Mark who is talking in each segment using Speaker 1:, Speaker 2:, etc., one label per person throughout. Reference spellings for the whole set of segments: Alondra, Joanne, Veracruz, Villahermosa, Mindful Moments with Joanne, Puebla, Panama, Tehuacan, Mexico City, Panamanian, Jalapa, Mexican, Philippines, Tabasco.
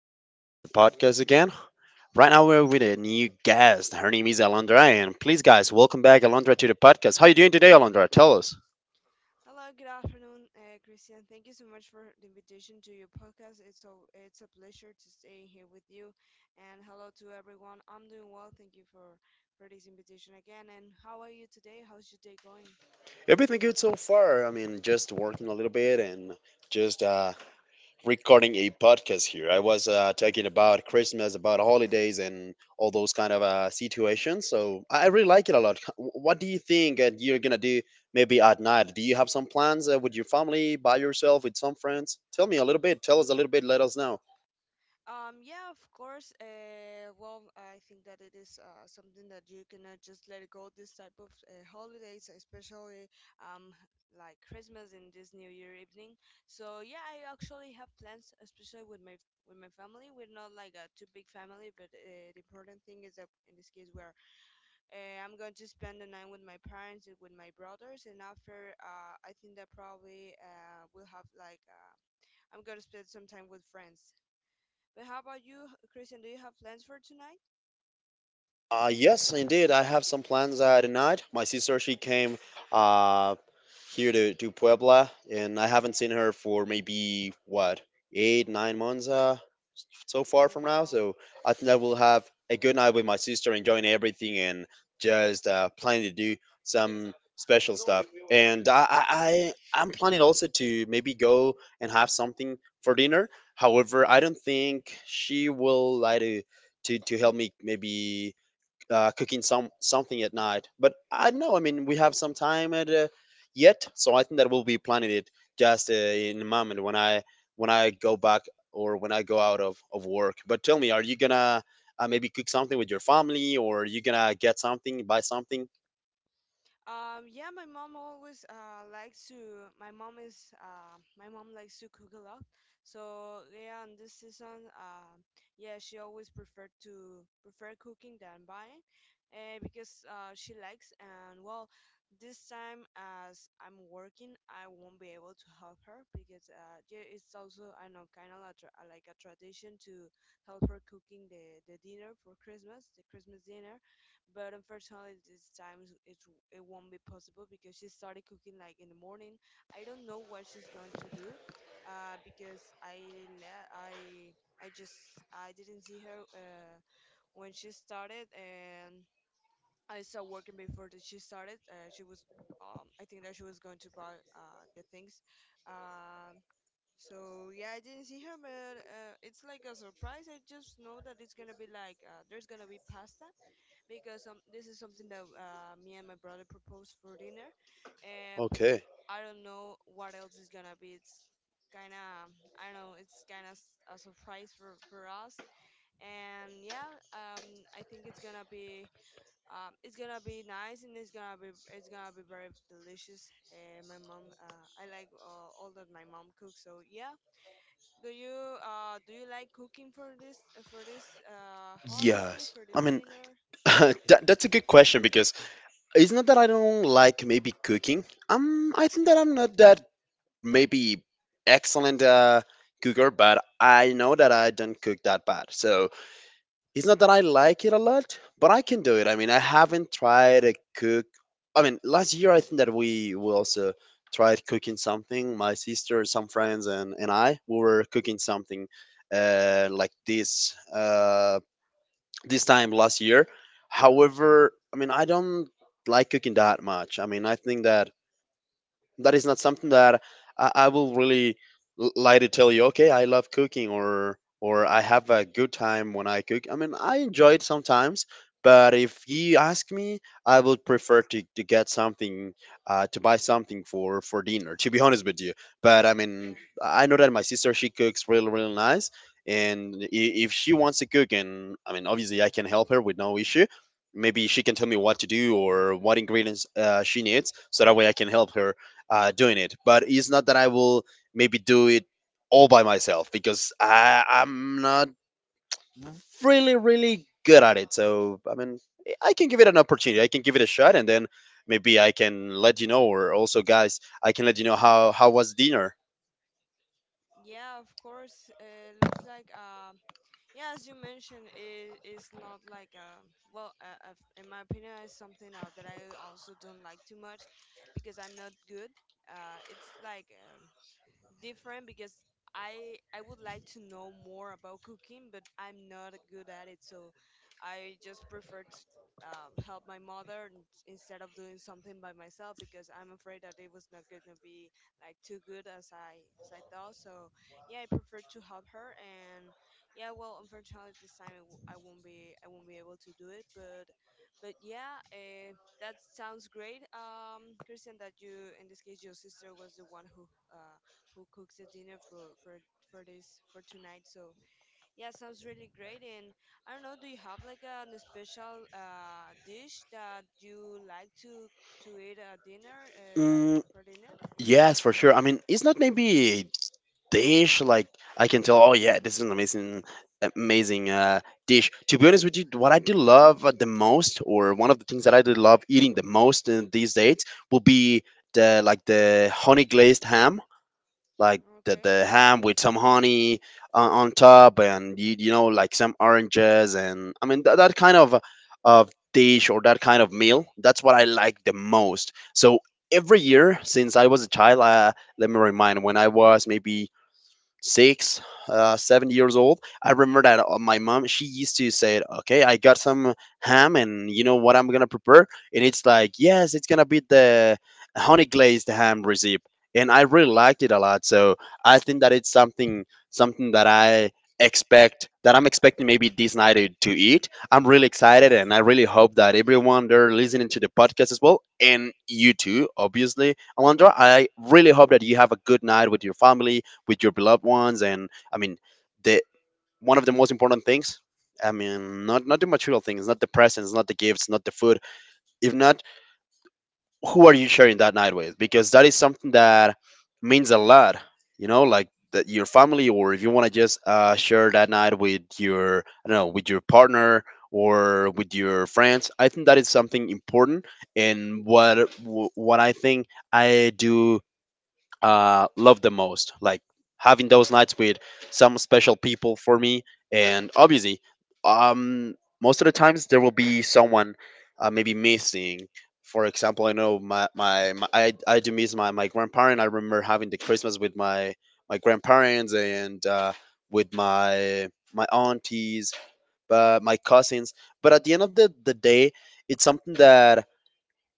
Speaker 1: guys, for joining to the podcast again. Right now, we're with a new guest. Her name is Alondra, and please, guys, welcome back, Alondra, to the podcast. How you doing today, Alondra? Tell us.
Speaker 2: Hello, good afternoon, Christian. Thank you so much for the invitation to your podcast. It's a pleasure to stay here with you. And hello to everyone. I'm doing well. Thank you for this invitation again. And how are you today? How's your day going?
Speaker 1: Everything good so far. I mean, just working a little bit and just recording a podcast here. I was talking about Christmas, about holidays, and all those kind of situations. So I really like it a lot. What do you think that you're gonna do maybe at night? Do you have some plans with your family, by yourself, with some friends? Tell me a little bit. Tell us a little bit. Let us know.
Speaker 2: Yeah, of course. Well, I think that it is something that you cannot just let it go. This type of holidays, especially um, like Christmas and this New Year evening. So yeah, I actually have plans, especially with my family. We're not like a too big family, but the important thing is that in this case, where I'm going to spend the night with my parents and with my brothers, and after I think that probably we'll have like I'm gonna spend some time with friends. But how about you, Christian? Do you have plans for tonight?
Speaker 1: Yes, indeed. I have some plans at night. My sister, she came uh, here to Puebla, and I haven't seen her for maybe what 8, 9 months. So far
Speaker 2: Oh,
Speaker 1: from now.
Speaker 2: wow.
Speaker 1: So I think I will have a good night with my sister, enjoying everything, and just planning to do some special stuff. And I- I'm planning also to maybe go and have something for dinner. However, I don't think she will like to help me maybe cooking something at night. But I don't know. I mean, we have some time yet, so I think that we'll be planning it just in a moment when I go back or when I go out of work. But tell me, are you gonna maybe cook something with your family, or are you gonna get something, buy something?
Speaker 2: Yeah, my mom always likes to. My mom likes to cook a lot. So yeah, and this season, yeah, she always prefer cooking than buying, because she likes. And well, this time as I'm working, I won't be able to help her because yeah, it's also I know kind of like a tradition to help her cooking the dinner for Christmas, the Christmas dinner, but unfortunately this time it won't be possible because she started cooking like in the morning. I don't know what she's going to do, because I le- I just I didn't see her when she started, and I saw working before that she started. Uh, she was um, i think that she was going to buy the things. um, so yeah, I didn't see her, but it's like a surprise. I just know that it's gonna be like, there's gonna be pasta, because this is something that me and my brother proposed for dinner, but
Speaker 1: Okay.
Speaker 2: I don't know what else is gonna be. It's kind of, I don't know. It's kind of a surprise for us, and yeah, I think it's gonna be nice, and it's gonna be very delicious. My mom, I like all that my mom cooks, so yeah. Do you like cooking for this holiday
Speaker 1: Yes.
Speaker 2: for
Speaker 1: I
Speaker 2: this
Speaker 1: mean,
Speaker 2: dinner?
Speaker 1: that's a good question because it's not that I don't like maybe cooking. I think that I'm not that maybe excellent cooker, but I know that I don't cook that bad. So it's not that I like it a lot, but I can do it. I mean, I haven't tried to cook. I mean, last year I think that we also tried cooking something. My sister, some friends, and I we were cooking something like this time last year. However, I mean, I don't like cooking that much. I mean, I think that that is not something that I will really lie to tell you. Okay, I love cooking, or I have a good time when I cook. I mean, I enjoy it sometimes, but if you ask me, I would prefer to get something, to buy something for dinner. To be honest with you, but I
Speaker 2: Hmm.
Speaker 1: mean,
Speaker 2: Yeah.
Speaker 1: I know that my sister she cooks really really nice, and if she wants to cook, and I mean, obviously I can help her with no issue, maybe she can tell me what to do or what ingredients she needs so that way I can help her doing it. But it's not that I will maybe do it all by myself because I'm not really good at it. So, I mean, I can give it an opportunity. I can give it a shot, and then maybe I can let you know. Or also, guys, I can let you know how was dinner.
Speaker 2: Yeah, of course. It looks like, yeah, as you mentioned, it is not like a, well, in my opinion, it's something that I also don't like too much because I'm not good. It's like different because I would like to know more about cooking, but I'm not good at it, so I just prefer to help my mother instead of doing something by myself because I'm afraid that it was not going to be like too good as I thought. So yeah, I prefer to help her, and yeah, well, unfortunately this time I won't be able to do it, but yeah, that sounds great. Christian, that you in this case your sister was the one who cooks the dinner for tonight. So yeah, sounds really great. And I don't know, do you have like a special dish that you like to eat at dinner, like
Speaker 1: Mm,
Speaker 2: for dinner?
Speaker 1: yes, for sure. I mean, it's not maybe dish like I can tell, oh yeah, this is an amazing dish, to be honest with you. What I do love the most, or one of the things that I do love eating the most in these days will be the like the honey glazed ham, like the,
Speaker 2: Okay,
Speaker 1: the ham with some honey on,
Speaker 2: yeah.
Speaker 1: on top. And you know, like some oranges, and I mean that kind of dish, or that kind of meal, that's what I like the most. So every year since I was a child, let me remind when I was maybe 6, 7 years old. I remember that my mom she used to say, "Okay, I got some ham, and you know what I'm gonna prepare." And it's like, yes, it's gonna be the honey glazed ham recipe, and I really liked it a lot. So I think that it's something that I'm expecting maybe this night to eat. I'm really excited, and I really hope that everyone there listening to the podcast as well, and you too, obviously, Alondra,
Speaker 2: Yeah.
Speaker 1: I really hope that you have a good night with your family, with your beloved ones. And I mean, the one of the most important things, I mean, not the material things, not the presents, not the gifts, not the food, if not, who are you sharing that night with, because that is something that means a lot, you know, like that your family, or if you want to just share that night with your, I don't know, with your partner or with your friends, I think that is something important. And what I think I do love the most. Like having those nights with some special people for me, and obviously, um, most of the times there will be someone maybe missing. For example, I know I do miss my grandparent. I remember having the Christmas with my grandparents and with my aunties, but my cousins. But at the end of the day, it's something that,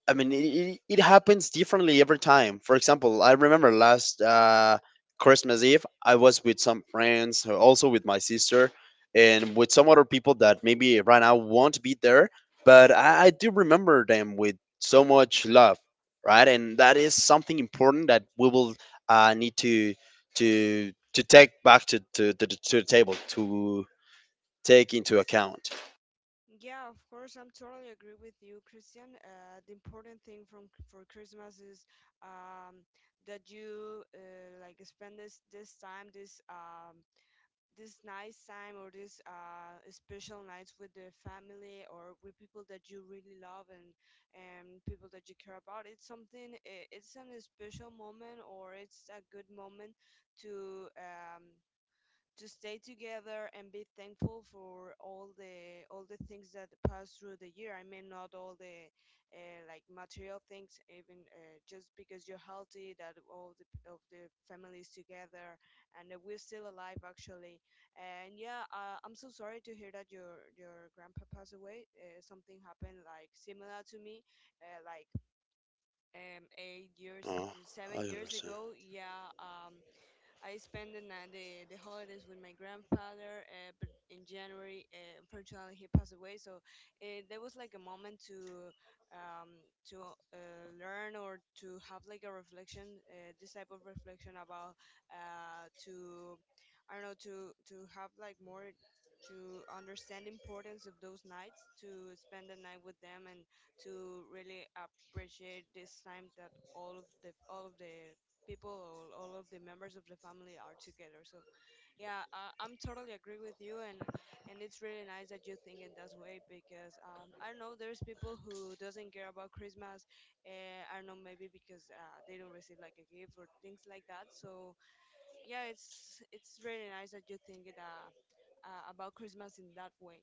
Speaker 1: I mean, it happens differently every time. For example, I remember last Christmas Eve, I was with some friends, also with my sister, and with some other people that maybe right now won't be there, but I do remember them with so much love, right? And that is something important that we will need to take back to the table, to take into account.
Speaker 2: Yeah, of course, I'm totally agree with you, Christian. The important thing from for Christmas is um, that you like spend this time, this this nice time or this special nights with the family or with people that you really love and people that you care about. It's something. It's an special moment or it's a good moment to. To stay together and be thankful for all the things that pass through the year. I mean, not all the like material things, even just because you're healthy, that all the of the family is together, and that we're still alive actually. And yeah, I'm so sorry to hear that your grandpa passed away. Something happened like similar to me, like 8 years,
Speaker 1: Oh, I
Speaker 2: 7 years
Speaker 1: understand.
Speaker 2: ago. Yeah, I spend the, the holidays with my grandfather, but in January, unfortunately, he passed away. So it, there was like a moment um, to learn or to have like a reflection, this type of reflection about to I don't know to have like more, to understand the importance of those nights to spend the night with them and to really appreciate this time that all of the people all of the members of the family are together. So yeah, I'm totally agree with you, and it's really nice that you think in that way because I don't know, there's people who doesn't care about Christmas, I don't know, maybe because they don't receive like a gift or things like that. So yeah, it's really nice that you think it about Christmas in that way.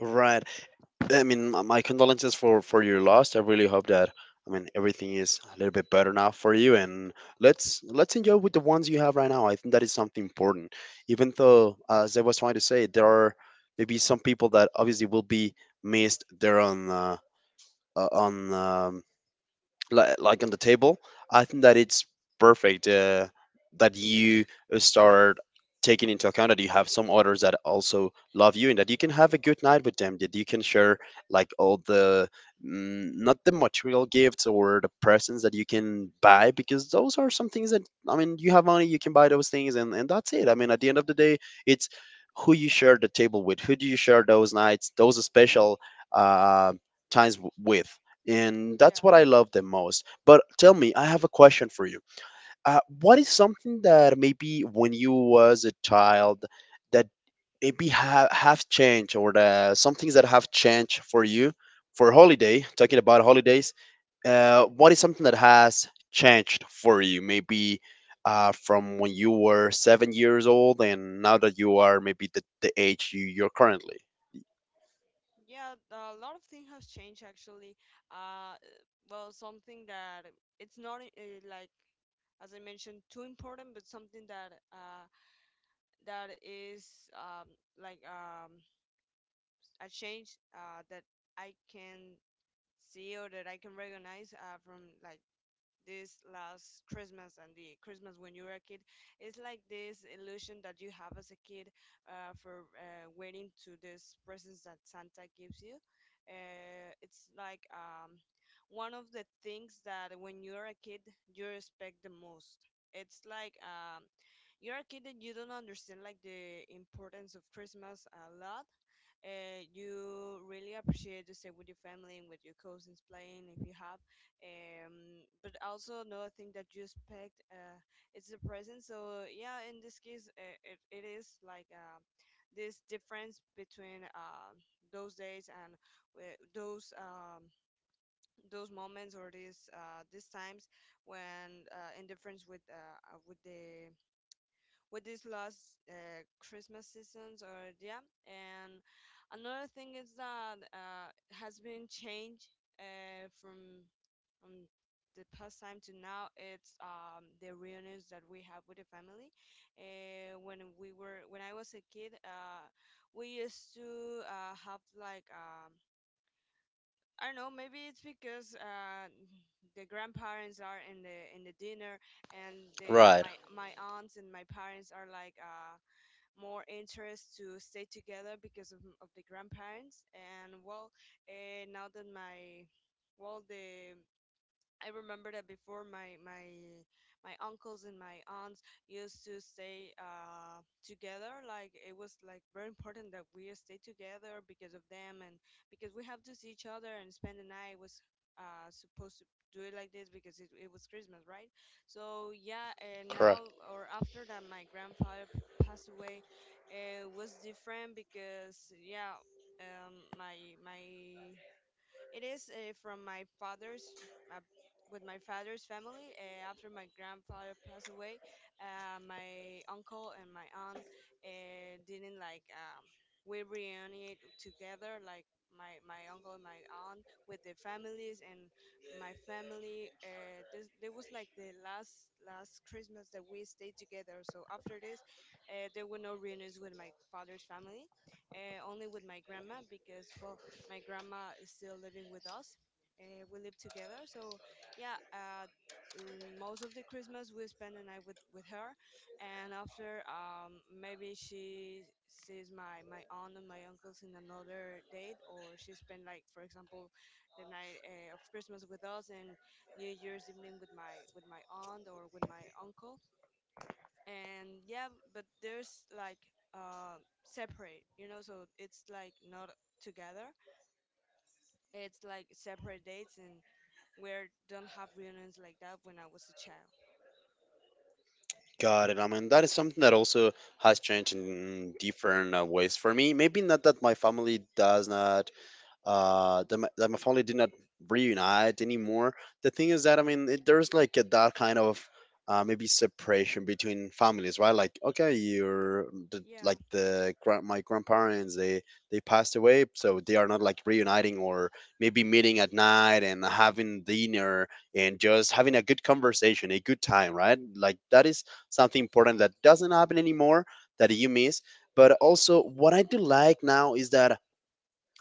Speaker 1: Right. I mean, my condolences for your loss. I really hope that, I mean, everything is a little bit better now for you, and let's enjoy with the ones you have right now. I think that is something important. Even though, as I was trying to say, there are maybe some people that obviously will be missed there on like on the table. I think that it's perfect that you start taking into account that you have some others that also love you and that you can have a good night with them, that you can share like not the material gifts or the presents that you can buy, because those are some things that, I mean, you have money, you can buy those things, and that's it. I mean, at the end of the day, it's who you share the table with, who do you share those nights, those special uh, times with, and that's
Speaker 2: Yeah.
Speaker 1: what I love the most. But tell me, I have a question for you. What is something that maybe when you was a child, that maybe have changed, or some things that have changed for you for holiday? Talking about holidays, what is something that has changed for you? Maybe from when you were 7 years old, and now that you are maybe the age you're currently.
Speaker 2: Yeah, a lot of things has changed actually. Uh, well, something that it's not like, as I mentioned, too important, but something that that is like um, a change that I can see or that I can recognize from like this last Christmas and the Christmas when you were a kid. It's like this illusion that you have as a kid for waiting to this presents that Santa gives you. It's like one of the things that when you're a kid, you respect the most. It's like you're a kid and you don't understand like the importance of Christmas a lot. You really appreciate to stay with your family and with your cousins playing if you have. But also another thing that you expect it's the present. So yeah, in this case, it is like this difference between those days and whe- those um, those moments or these times when, in difference with the with these last Christmas seasons, or yeah. And another thing is that has been changed uh, from from the past time to now. It's the reunions that we have with the family. When we were when I was a kid, we used to have like I don't know. Maybe it's because the grandparents are in the dinner, and the
Speaker 1: Right.
Speaker 2: my my aunts and my parents are like more interest to stay together because of the grandparents. And well, now that my, well, the, I remember that before my uncles and my aunts used to stay together. Like it was like very important that we stay together because of them, and because we have to see each other and spend the night. Was supposed to do it like this because it was Christmas, right? So yeah, and now or after that, my grandfather passed away. It was different because yeah, my my it is uh, with my father's family. After my grandfather passed away, my uncle and my aunt didn't like. We reunited together, like my uncle and my aunt, with their families and my family. This there was like the last Christmas that we stayed together. So after this, there were no reunions with my father's family, only with my grandma because well, my grandma is still living with us. We live together, so yeah. Most of the Christmas we spend the night with her, and after maybe she sees my aunt and my uncles in another date, or she spend like for example the night of Christmas with us and New Year's evening with my aunt or with my uncle, and yeah, but there's like separate, you know, so it's like not together, it's like separate dates, and where don't have reunions like that when I was a child.
Speaker 1: Got it. I mean, that is something that also has changed in different ways for me. Maybe not that my family does not, that my family did not reunite anymore. The thing is that, I mean, it, there's like a, that kind of maybe separation between families, right, like, okay, you're the,
Speaker 2: Yeah.
Speaker 1: like the grand, my grandparents, they passed away, so they are not like reuniting or maybe meeting at night and having dinner, and just having a good conversation, a good time, right, like that is something important that doesn't happen anymore, that you miss. But also what I do like now is that,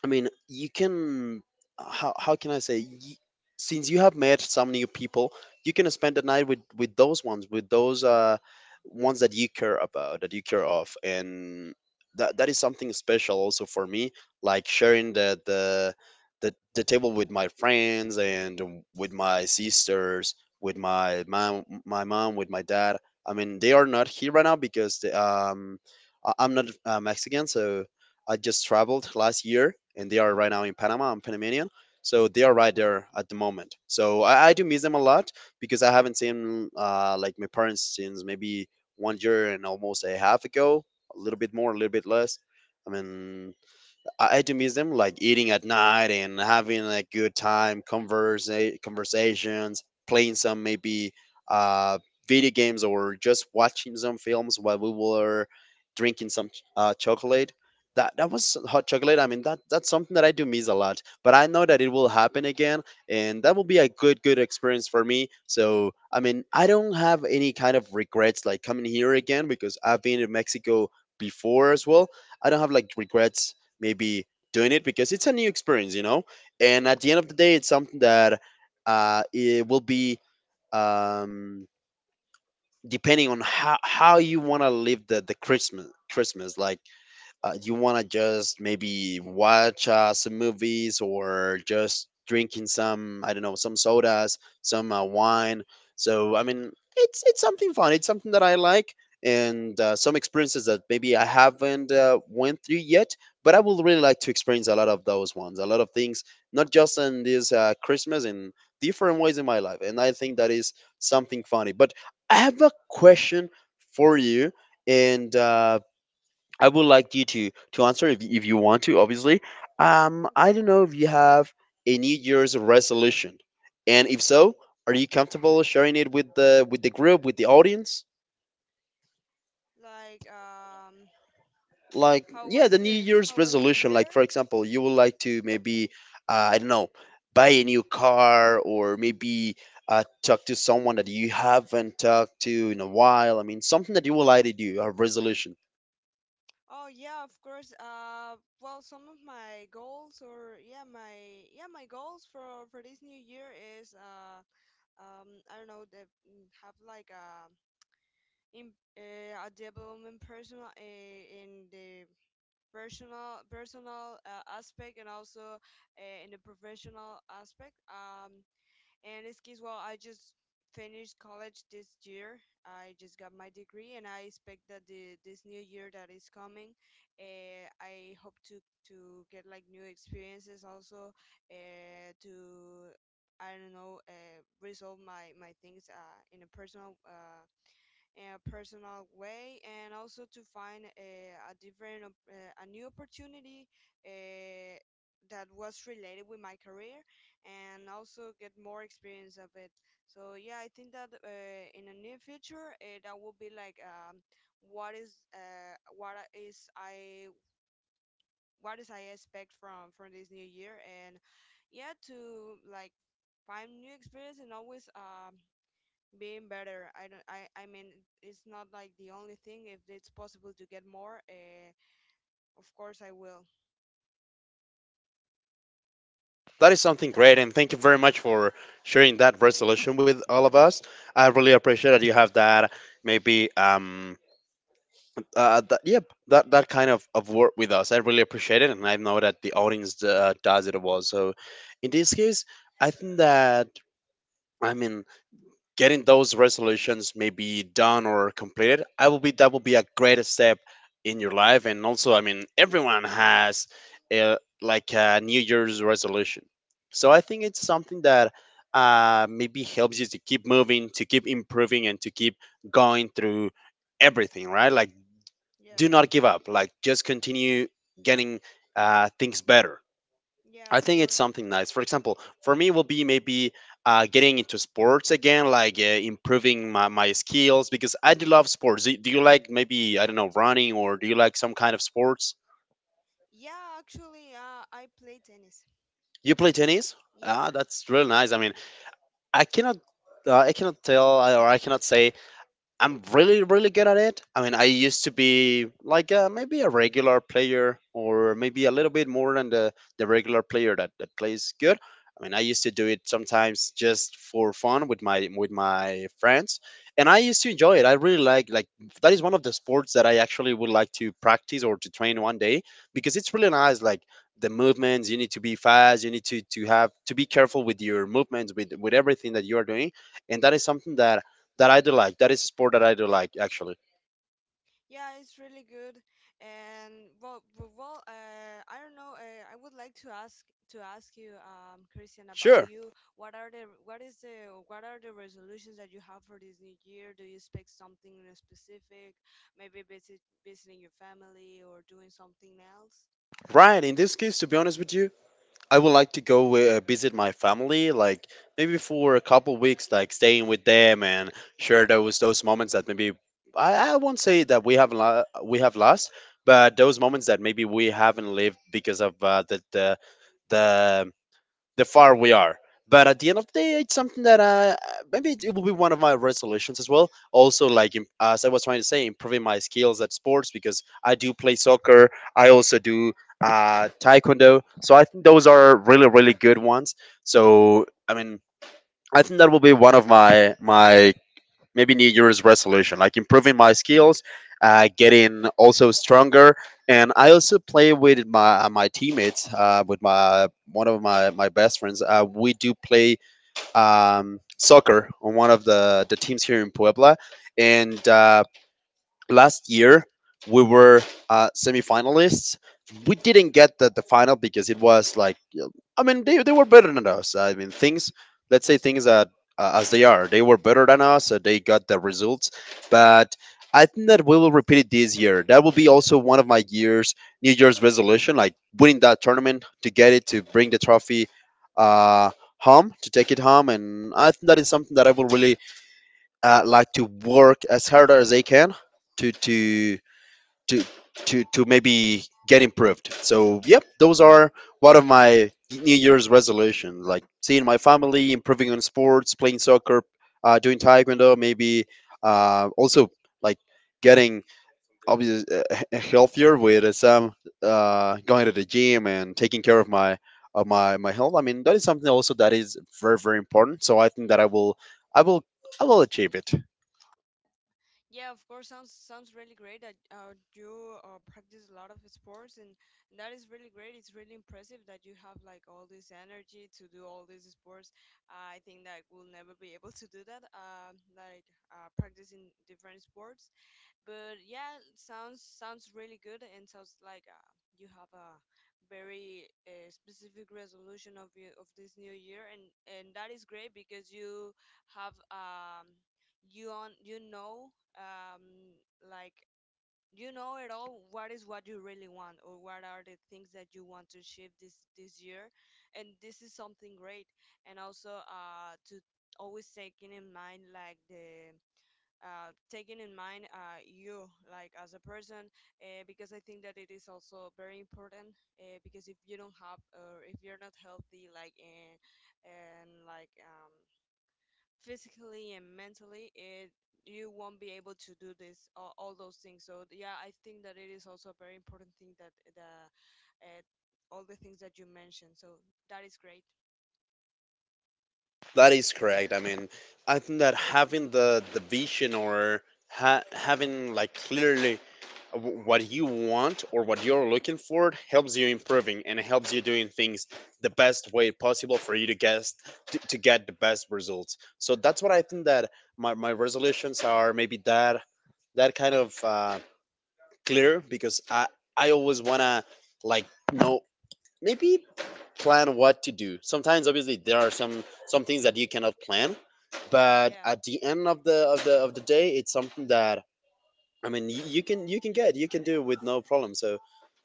Speaker 1: I mean, you can. How can I say? Y Since you have met some new people, you can spend the night with those ones, with those ones that you care about, that you care of, and that is something special also for me. Like sharing the table with my friends and with my sisters, with my mom, with my dad. I mean, they are not here right now because I'm not Mexican, so I just traveled last year, and they are right now in Panama. I'm Panamanian, so they are
Speaker 2: Oh
Speaker 1: right
Speaker 2: wow.
Speaker 1: there at the moment. So I do miss them a lot because I haven't seen like my parents since maybe one year and almost a half ago, a little bit more, a little bit less. I mean, I do miss them, like eating at night and having a good time, conversations, playing some maybe uh, video games or just watching some films while we were drinking some chocolate. That was hot chocolate. I mean, that's something that I do miss a lot. But I know that it
Speaker 2: Yeah.
Speaker 1: will happen again, and that will be a good experience for me. So I mean, I don't have any kind of regrets like coming here again because I've been in Mexico before as well. I don't have like regrets maybe doing it because it's a new experience, you know. And
Speaker 2: Yeah.
Speaker 1: at the end of the day, it's something that it will be um, depending on how you want to live the Christmas. Like you want to just maybe watch some movies or just drinking some, I don't know, some sodas, some wine. So I mean, it's something fun, it's something that I like. And some experiences that maybe I haven't went through yet, but I would really like to experience a lot of those ones, a lot of things, not just in this Christmas, in different ways in my life, and I think that is something funny. But I have a question for you, and I would like you to answer if you want to, obviously. I
Speaker 2: Okay.
Speaker 1: don't know if you have a New Year's resolution, and if so, are you comfortable sharing it with the group, with the audience?
Speaker 2: Like um,
Speaker 1: Like,
Speaker 2: how
Speaker 1: yeah, the
Speaker 2: was
Speaker 1: New
Speaker 2: it?
Speaker 1: Year's
Speaker 2: How was the
Speaker 1: resolution.
Speaker 2: year?
Speaker 1: Like, for example, you would like to maybe,
Speaker 2: Oh,
Speaker 1: I don't
Speaker 2: okay.
Speaker 1: know, buy a new car, or maybe talk to someone that you haven't talked to in a while. I mean, something that you would like to do, a resolution.
Speaker 2: Oh yeah, of course. Well, some of my goals or yeah, my goals for this new year is I don't know, the, mm, have like a in a development personal in the personal aspect, and also in the professional aspect. And this case, well, I just finished college this year. I just got my degree, and I expect that the this new year that is coming, I hope to get like new experiences also, to I don't know resolve my things, in a personal, in a personal way, and also to find a a new opportunity uh, that was related with my career, and also get more experience of it. So yeah, I think that in the near future, that will be like, what is uh, what I- is i what is I expect from this new year. And yeah, to like find new experience and always, being better. I don't. I. I mean, it's not like the only thing. If it's possible to get more, of course I will.
Speaker 1: That is something great, and thank you very much for sharing that resolution with all of us. I really appreciate that you have that. Maybe, that, yep, that kind of work with us. I really appreciate it, and I know that the audience does it as well. So, in this case, I think that, I mean, getting those resolutions maybe done or completed, I will be that will be a great step in your life. And also, I mean, everyone has a, like a New Year's resolution, so I think it's something that maybe helps you to keep moving, to keep improving, and to keep going through everything, right? Like, do
Speaker 2: Yeah.
Speaker 1: not give up, like just continue getting things better.
Speaker 2: Yeah. Of
Speaker 1: I think it's
Speaker 2: course.
Speaker 1: something nice. For example, for me, will be maybe getting into sports again, like improving my skills because I do love sports. Do you like maybe, I don't know, running, or do you like some kind of sports?
Speaker 2: Yeah. Actually, I play tennis.
Speaker 1: You play tennis?
Speaker 2: Yeah.
Speaker 1: Ah, that's really nice. I mean, I cannot. I cannot tell, or I cannot say I'm really, really good at it. I mean, I used to be like maybe a regular player or maybe a little bit more than the regular player that plays good. I mean, I used to do it sometimes just for fun with my friends, and I used to enjoy it. I really like that is one of the sports that I actually would like to practice or to train one day because it's really nice. Like, the movements, you need to be fast, you need to have to be careful with your movements, with everything that you are doing, and that is something that I do like. That is a sport that I do like, actually.
Speaker 2: Yeah, it's really good. And well, I don't know. I would like to ask you, Christian, about
Speaker 1: Sure.
Speaker 2: you. What are the resolutions that you have for this new year? Do you expect something in a specific? Maybe visiting your family or doing something else?
Speaker 1: Right. In this case, to be honest with you, I would like to go visit my family, like maybe for a couple weeks, like staying with them and share those moments that maybe I won't say that we have we have lost, but those moments that maybe we haven't lived because of the the far we are. But at the end of the day, it's something that maybe it will be one of my resolutions as well. Also, like as I was trying to say, improving my skills at sports because I do play soccer. I also do taekwondo. So I think those are really, really good ones. So I mean, I think that will be one of my maybe New Year's resolution, like improving my skills, getting also stronger. And I also play with my teammates, with my one of my best friends. We do play soccer on one of the teams here in Puebla. And last year we were semifinalists. We
Speaker 2: Oh, that's
Speaker 1: didn't
Speaker 2: great.
Speaker 1: get the final because it was like, I mean, they were better than us. I mean, things, let's say things that as they are, they were better than us. They got the results. But I think that we will repeat it this year. That will be also one of my year's New Year's resolution, like winning that tournament to get it, to bring the trophy uh, home, to take it home. And I think that is something that I will really like to work as hard as I can to to to to maybe get improved. So yep, those are one of my New Year's resolutions, like seeing my family, improving on sports, playing soccer, doing taekwondo, maybe also like getting obvious healthier with some going to the gym and taking care of my of my health. I mean, that is something also that is very, very important. So I think that I will I will achieve it.
Speaker 2: Yeah, of course, sounds really great that you, practice a lot of sports, and that is really great. It's really impressive that you have like all this energy to do all these sports. I think that we'll never be able to do that. Practicing different sports. But yeah, it sounds really good, and sounds like, you have a very, specific resolution of you of this new year. And that is great because you have, you on you know um like you know it all, what is what you really want, or what are the things that you want to achieve this this year. And this is something great. And also, to always taking in mind like the taking in mind, you like as a person, because I think that it is also very important, because if you don't have or if you're not healthy like, in and like, physically and mentally, it, you won't be able to do this all those things. So yeah, I think that it is also a very important thing that the uh, all the things that you mentioned. So that is great.
Speaker 1: That is correct. I mean, I think that having the vision or ha having like clearly what you want or what you're looking for helps you improving, and it helps you doing things the best way possible for you to guess to get the best results. So that's what I think, that my resolutions are maybe that kind of clear because I always wanna like know, maybe plan what to do. Sometimes, obviously, there are some things that you cannot plan, but
Speaker 2: Yeah.
Speaker 1: at the end of the day, it's something that I mean you can, you can get, you can do with no problem. So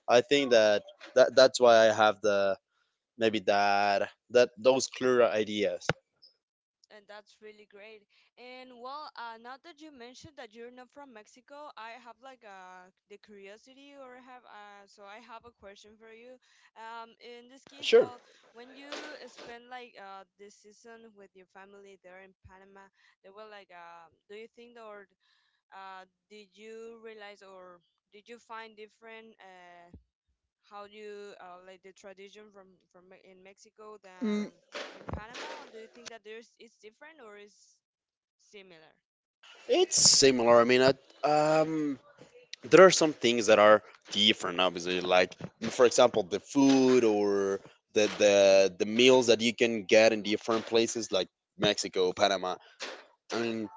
Speaker 1: I think that, that that's why I have the maybe that that those clearer ideas.
Speaker 2: And that's really great. And well, now that you mentioned that you're not from Mexico, I have like, the curiosity, or I have, I have a question for you. In this case,
Speaker 1: Sure.
Speaker 2: well, when you spend like, this season with your family there in Panama, they were like, do you think, or uh, did you realize, or did you find different? How do you, like the tradition from in Mexico
Speaker 1: Mm,
Speaker 2: than in Panama? Do you think that there's it's different or is similar?
Speaker 1: it's similar. I mean, um there are some things that are different obviously, like for example the food or the meals that you can get in different places like Mexico, Panama. I mean,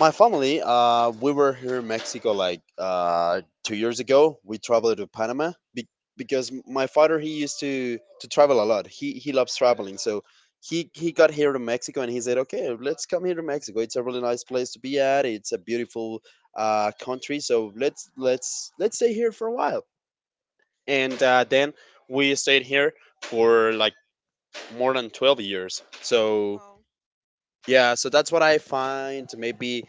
Speaker 1: my family, we were here in Mexico like 2 years ago. We traveled to Panama because my father, he used to travel a lot. He loves traveling, so he got here to Mexico and he said, okay, let's come here to Mexico. It's a really nice place to be at. It's a beautiful country, so let's stay here for a while. And then we stayed here for like more than 12 years. So
Speaker 2: Well,
Speaker 1: yeah, so that's what I find maybe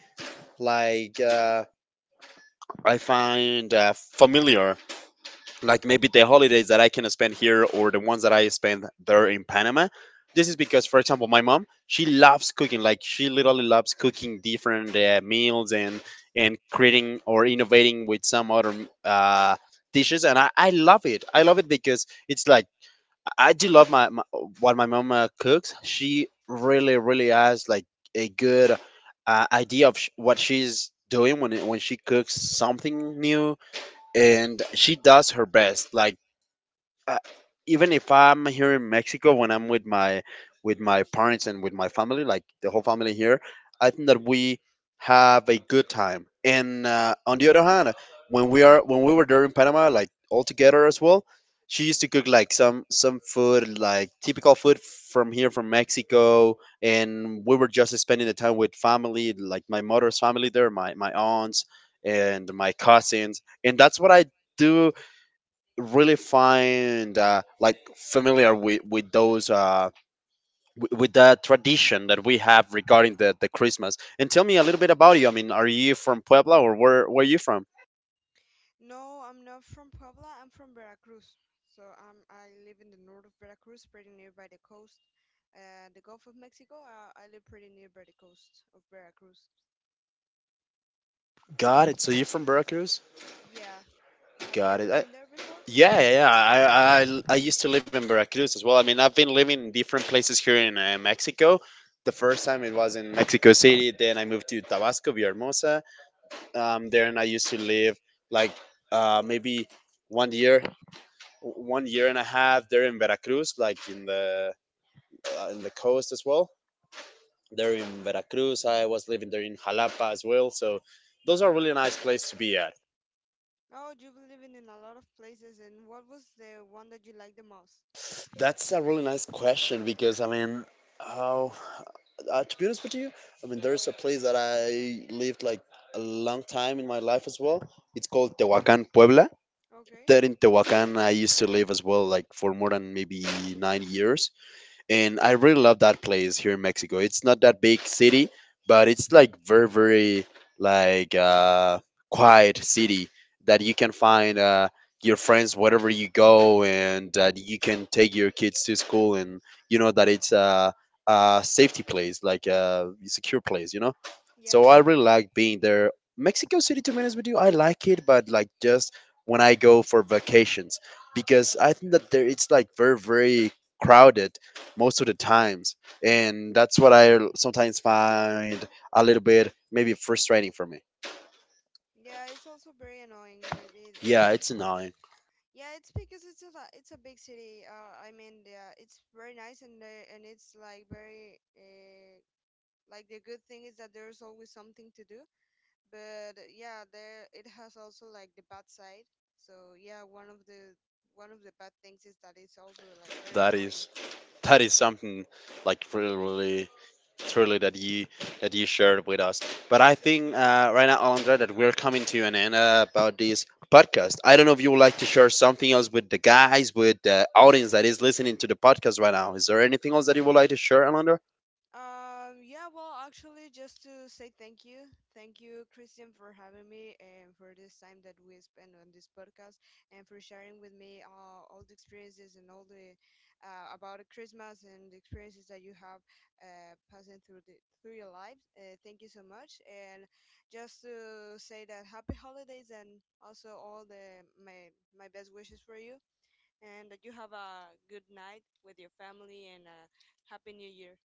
Speaker 1: like. I find familiar, like maybe the holidays that I can spend here or the ones that I spend there in Panama. This is because, for example, my mom, she loves cooking. Like, she literally loves cooking different meals and creating or innovating with some other uh, dishes, and I love it. I love it because it's like I do love my what my mom cooks. She really, really has like a good idea of what she's doing when when she cooks something new, and she does her best. Like, uh, even if I'm here in Mexico, when I'm with my parents and with my family, like the whole family here, I think that we have a good time. And on the other hand, when we are when we were there in Panama, like all together as well, she used to cook like some food, like typical food from here from Mexico, and we were just spending the time with family, like my mother's family there, my aunts and my cousins, and that's what I do really find like familiar with those with the tradition that we have regarding the Christmas. And tell me a little bit about you. I mean, are you from Puebla or where are you from?
Speaker 2: no, I'm not from Puebla. I'm from Veracruz. So I live in the north of Veracruz, pretty nearby the coast, the Gulf of Mexico. I live pretty nearby the coast of Veracruz.
Speaker 1: Got it. So you're from Veracruz?
Speaker 2: Yeah. Have you
Speaker 1: Got it.
Speaker 2: ever
Speaker 1: I,
Speaker 2: been there before?
Speaker 1: yeah, yeah. Yeah. I used to live in Veracruz as well. I mean, I've been living in different places here in Mexico. The first time it was in Mexico City. Then I moved to Tabasco, Villahermosa. Then I used to live like maybe one year one year and a half there in Veracruz, like in the coast as well. There in Veracruz, I was living there in Jalapa as well. So those are really nice place to be at.
Speaker 2: Oh, you've lived in a lot of places. And what was the one that you liked the most?
Speaker 1: That's a really nice question because I mean, how to be honest with you, I mean, there's a place that I lived like a long time in my life as well. It's called Tehuacan, Puebla.
Speaker 2: Okay.
Speaker 1: There in Tehuacan, I used to live as well, like for more than maybe 9 years. And I really love that place here in Mexico. It's not that big city, but it's like very, very like quiet city that you can find your friends wherever you go, and that you can take your kids to school, and you know that it's a safety place, like a secure place, you know. So
Speaker 2: Yeah.
Speaker 1: I really like being there. Mexico City, to be honest with you, I like it, but like just when I go for vacations, because I think that there it's like very, very crowded most of the times, and that's what I sometimes find a little bit maybe frustrating for me.
Speaker 2: Yeah, it's also very annoying. Maybe
Speaker 1: Yeah, it's annoying.
Speaker 2: yeah, it's because it's a big city. I mean, yeah, it's very nice, and it's like very, like the good thing is that there's always something to do. But yeah, there it has also like the bad side. So yeah, one of the bad things is that it's also like very
Speaker 1: that
Speaker 2: annoying.
Speaker 1: is that is something like really, truly that you shared with us. But I think right now, Alondra, that we're coming to an end about this podcast. I don't know if you would like to share something else with the guys, with the audience that is listening to the podcast right now. Is there anything else that you would like to share, Alondra?
Speaker 2: Yeah, well, actually, just to say thank you. Thank you, Christian, for having me, and for this time that we spent on this podcast, and for sharing with me, all the experiences and all the, about Christmas, and the experiences that you have, passing through the through your life. Thank you so much. And just to say that happy holidays, and also all the my best wishes for you, and that you have a good night with your family, and a happy new year.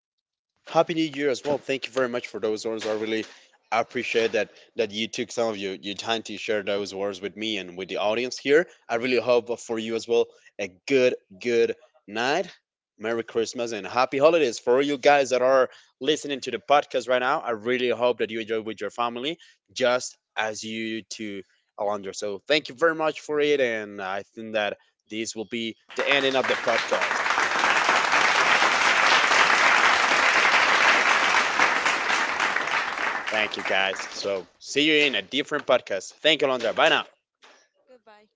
Speaker 1: Happy New Year as well. Thank you very much for those words. I really appreciate that you took some of your time to share those words with me and with the audience here. I really hope for you as well a good, good night. Merry Christmas and happy holidays for all you guys that are listening to the podcast right now. I really hope that you enjoy with your family just as you to Alondra. So thank you very much for it, and I think that this will be the ending of the podcast. Thank you, guys. So see you in a different podcast. Thank you, Londra. Bye now.
Speaker 2: Goodbye.